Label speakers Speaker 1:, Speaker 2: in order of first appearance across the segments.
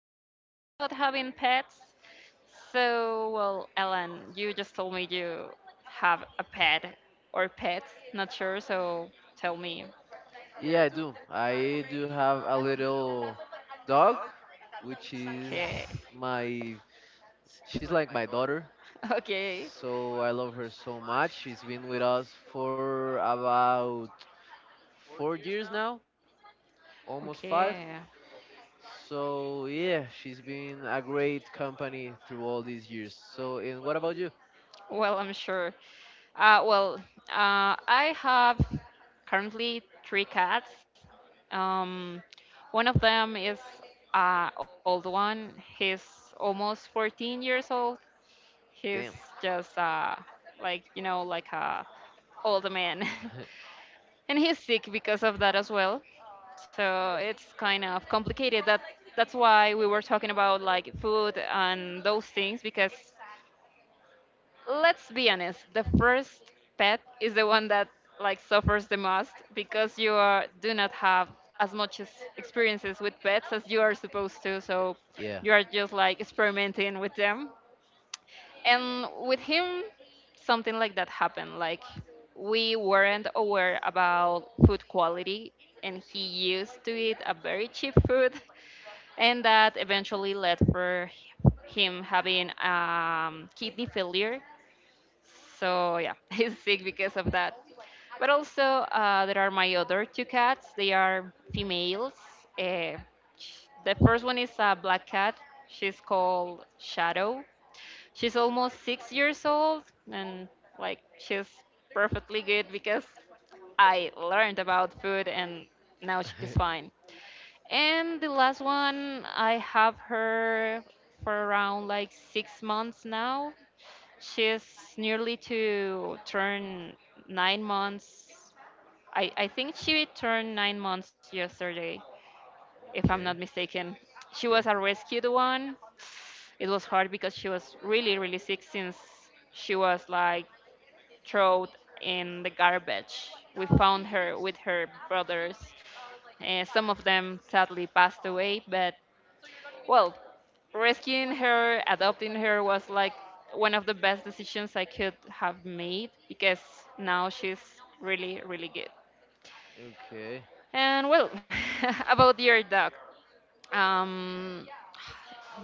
Speaker 1: experiences about having pets. So, well, Ellen, you just told me you have a pet or pets, not sure, so tell me.
Speaker 2: Yeah, I do. I do have a little dog, which is
Speaker 1: Okay.
Speaker 2: my, she's like my daughter.
Speaker 1: Okay.
Speaker 2: So I love her so much. She's been with us for about 4 years now, almost five.
Speaker 1: Okay.
Speaker 2: So yeah, she's been a great company through all these years. So, and what about you?
Speaker 1: Well, I'm sure. Well, I have currently three cats. Um, One of them is an old one. He's almost 14 years old. He's
Speaker 2: Damn.
Speaker 1: just like like a old man, and he's sick because of that as well. So it's kind of complicated. That's why we were talking about like food and those things, because let's be honest, the first pet is the one that like suffers the most, because do not have as much as experiences with pets as you are supposed to, so
Speaker 2: Yeah.
Speaker 1: you are just like experimenting with them. And with him something like that happened. Like, we weren't aware about food quality, and he used to eat a very cheap food and that eventually led for him having kidney failure, so yeah, he's sick because of that. But also, there are my other two cats. They are females. Uh, the first one is a black cat. She's called Shadow. She's almost 6 years old, and like she's perfectly good because I learned about food, and now she's fine. And the last one, I have her for around like 6 months now. She's nearly to turn 9 months. I think she turned 9 months yesterday, if I'm not
Speaker 2: Okay.
Speaker 1: mistaken. She was
Speaker 2: Okay.
Speaker 1: a rescued one. It was hard because she was really, really sick since she was like thrown in the garbage. We found her with her brothers. Some of them sadly passed away, but well, rescuing her, adopting her was like one of the best decisions I could have made, because now she's really, really good.
Speaker 2: Okay.
Speaker 1: And well, about your dog, um,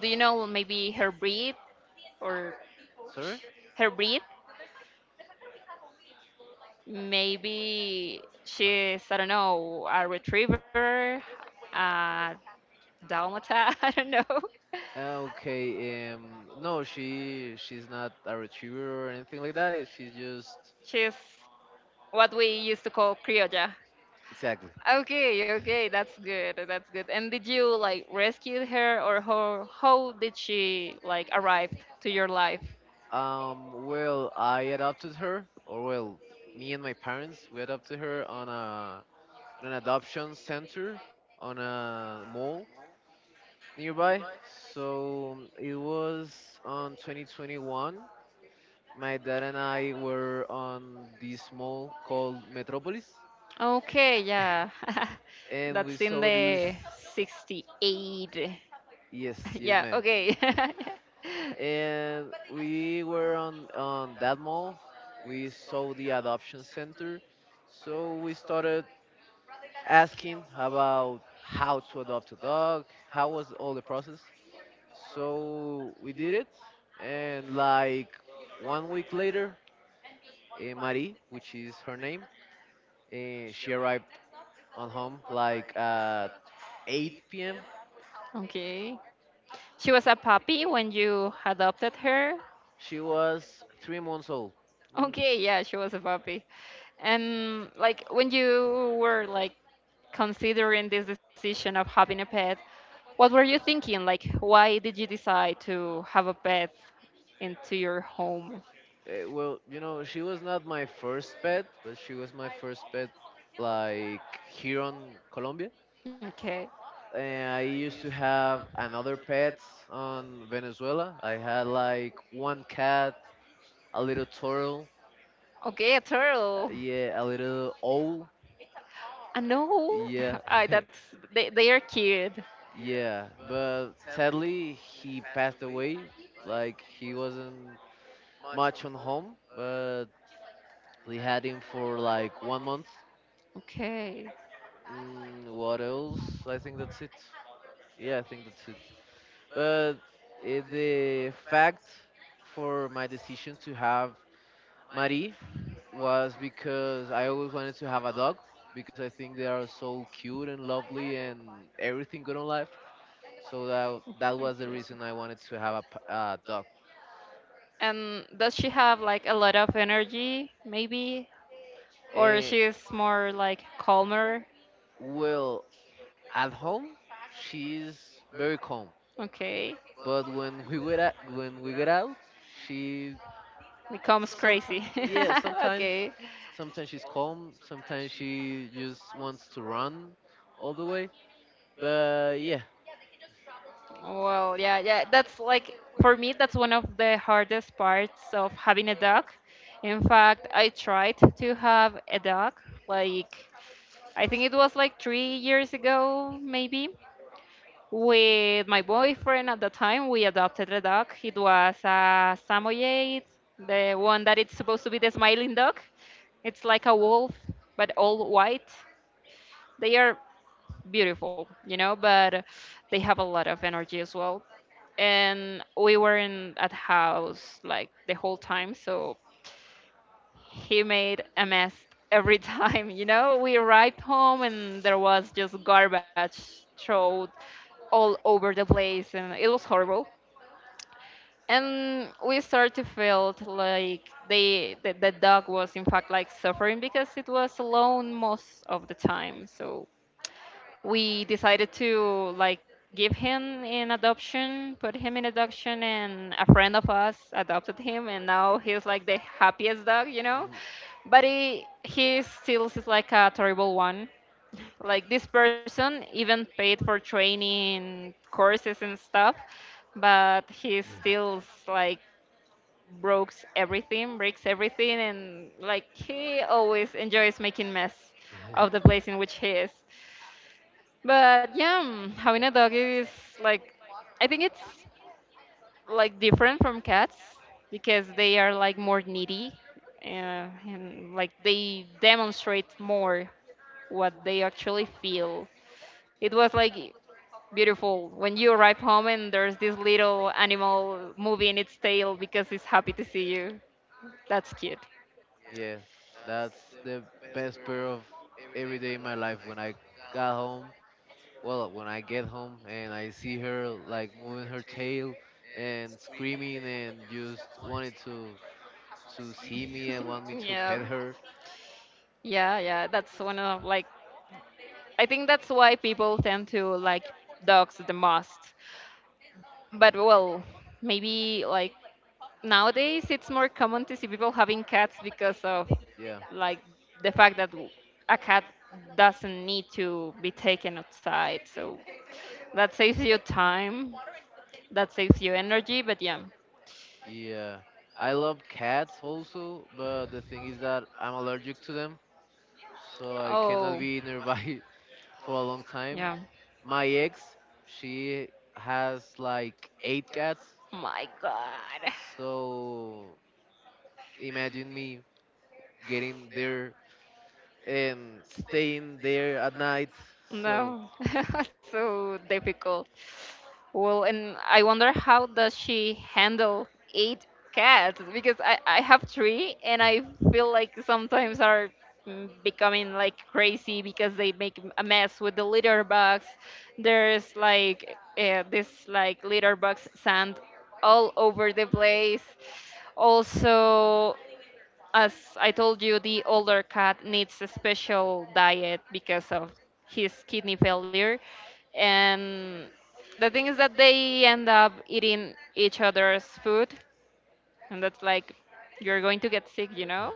Speaker 1: do you know maybe her breed or
Speaker 2: Sorry?
Speaker 1: her breed? Maybe she's, I don't know, a retriever, a dalmata, I don't know.
Speaker 2: Okay. No, she's not a retriever or anything like that. She's just.
Speaker 1: She's what we used to call criolla.
Speaker 2: Exactly.
Speaker 1: Okay, okay, that's good. That's good. And did you like rescue her, or how did she like arrive to your life?
Speaker 2: Well, I adopted her, or well, me and my parents we adopted her on a on an adoption center on a mall nearby. So it was on 2021. My dad and I were on this mall called Metropolis,
Speaker 1: Okay, yeah.
Speaker 2: and we
Speaker 1: That's in
Speaker 2: saw this.
Speaker 1: the 68.
Speaker 2: Yes, yes,
Speaker 1: Yeah,
Speaker 2: ma'am.
Speaker 1: okay.
Speaker 2: And we were on that mall. We saw the adoption center, so we started asking about how to adopt a dog, how was all the process. So we did it, and like one week later, Marie, which is her name, she arrived on home like at 8 p.m.
Speaker 1: Okay. She was a puppy when you adopted her?
Speaker 2: She was 3 months old.
Speaker 1: Okay, yeah, she was a puppy. And like when you were like considering this decision of having a pet, what were you thinking? Like, why did you decide to have a pet into your home?
Speaker 2: Well, she was not my first pet, but she was my first pet like here on Colombia.
Speaker 1: Okay.
Speaker 2: And I used to have another pet on Venezuela. I had like one cat, a little turtle,
Speaker 1: Okay, a turtle.
Speaker 2: yeah, a little owl,
Speaker 1: I know.
Speaker 2: yeah,
Speaker 1: I, that's they are cute.
Speaker 2: yeah. But sadly, he passed away. Like he wasn't much on home, but we had him for like one month.
Speaker 1: Okay.
Speaker 2: What else? I think that's it. Yeah, I think that's it. But the fact for my decision to have Marie was because I always wanted to have a dog because I think they are so cute and lovely and everything good in life. So that was the
Speaker 1: Okay.
Speaker 2: reason I wanted to have a dog.
Speaker 1: And does she have like a lot of energy, maybe? Or
Speaker 2: Eh,
Speaker 1: she's more like calmer?
Speaker 2: well, at home she's very calm,
Speaker 1: Okay.
Speaker 2: but when we get out, she
Speaker 1: Becomes
Speaker 2: sometimes,
Speaker 1: crazy.
Speaker 2: yeah, sometimes
Speaker 1: Okay.
Speaker 2: sometimes she's calm. Sometimes she just wants to run all the way. But yeah.
Speaker 1: Well, yeah, yeah, that's like for me, that's one of the hardest parts of having a dog. In fact, I tried to have a dog, like I think it was like 3 years ago, maybe, with my boyfriend at the time. We adopted a dog. It was a Samoyed, the one that it's supposed to be the smiling dog. It's like a wolf, but all white. They are beautiful, but they have a lot of energy as well, and we weren't at house like the whole time, so he made a mess every time. You know we arrived home and there was just garbage thrown all over the place, and it was horrible. And we started to feel like the dog was in fact like suffering because it was alone most of the time, so we decided to like give him in adoption, put him in adoption, and a friend of us adopted him, and now he's like the happiest dog.
Speaker 2: Mm.
Speaker 1: But he still is like a terrible one. Like, this person even paid for training courses and stuff, but he still like breaks everything, and like he always enjoys making mess of the place in which he is. But yeah, having a dog is like, I think it's like different from cats, because they are like more needy and like they demonstrate more what they actually feel. It was like beautiful when you arrive home and there's this little animal moving its tail because it's happy to see you. That's cute.
Speaker 2: Yeah, that's the best pair of every day in my life when I got home. Well, when I get home and I see her like moving her tail and screaming and just wanted to see me and want me to
Speaker 1: Yeah,
Speaker 2: pet her.
Speaker 1: yeah, yeah, that's one of like I think that's why people tend to like dogs the most. But well, maybe like nowadays it's more common to see people having cats because of
Speaker 2: Yeah.
Speaker 1: like the fact that a cat doesn't need to be taken outside. So that saves you time, that saves you energy, but yeah.
Speaker 2: Yeah. I love cats also, but the thing is that I'm allergic to them, so I cannot
Speaker 1: Oh,
Speaker 2: be nearby for a long time.
Speaker 1: yeah.
Speaker 2: My ex, she has like eight cats,
Speaker 1: My god.
Speaker 2: so imagine me getting there and staying there at night. So
Speaker 1: No. So difficult. Well, and I wonder how does she handle eight cats, because I have three, and I feel like sometimes are becoming like crazy because they make a mess with the litter box. There's like this like litter box sand all over the place. Also, as I told you, the older cat needs a special diet because of his kidney failure, and the thing is that they end up eating each other's food, and that's like you're going to get sick,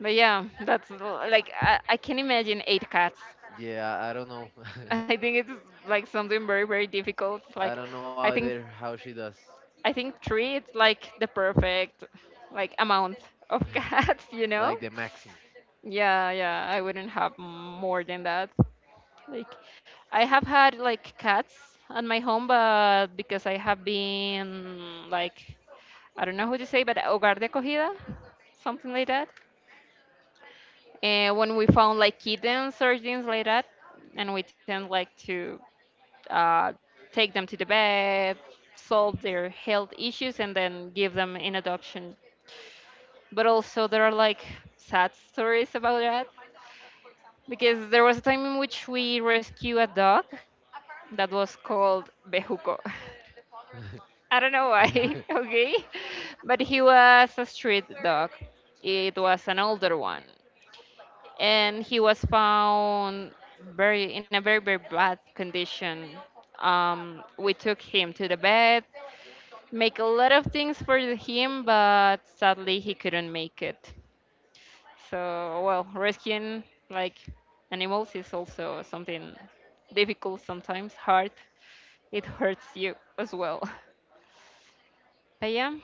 Speaker 1: but yeah, that's like I can imagine eight cats.
Speaker 2: yeah, I don't know.
Speaker 1: I think it's like something very, very difficult.
Speaker 2: I
Speaker 1: Like,
Speaker 2: don't know
Speaker 1: i
Speaker 2: either
Speaker 1: think
Speaker 2: how she does.
Speaker 1: I think three it's like the perfect like amount of cats you
Speaker 2: Like
Speaker 1: know
Speaker 2: the maxim.
Speaker 1: Yeah, yeah, I wouldn't have more than that. Like, I have had like cats on my home, but because I have been like, I don't know how to say, but hogar de acogida, something like that. And when we found like kittens or things like that, and we tend like to uh, take them to the vet, solve their health issues, and then give them in adoption. But also there are like sad stories about that because there was a time in which we rescued a dog that was called Bejuco. I don't know why, okay? But he was a street dog. It was an older one. And he was found very in a very, very bad condition. We took him to the vet, make a lot of things for him, but sadly he couldn't make it. So, well, rescuing like animals is also something difficult sometimes, hard. It hurts you as well. But yeah.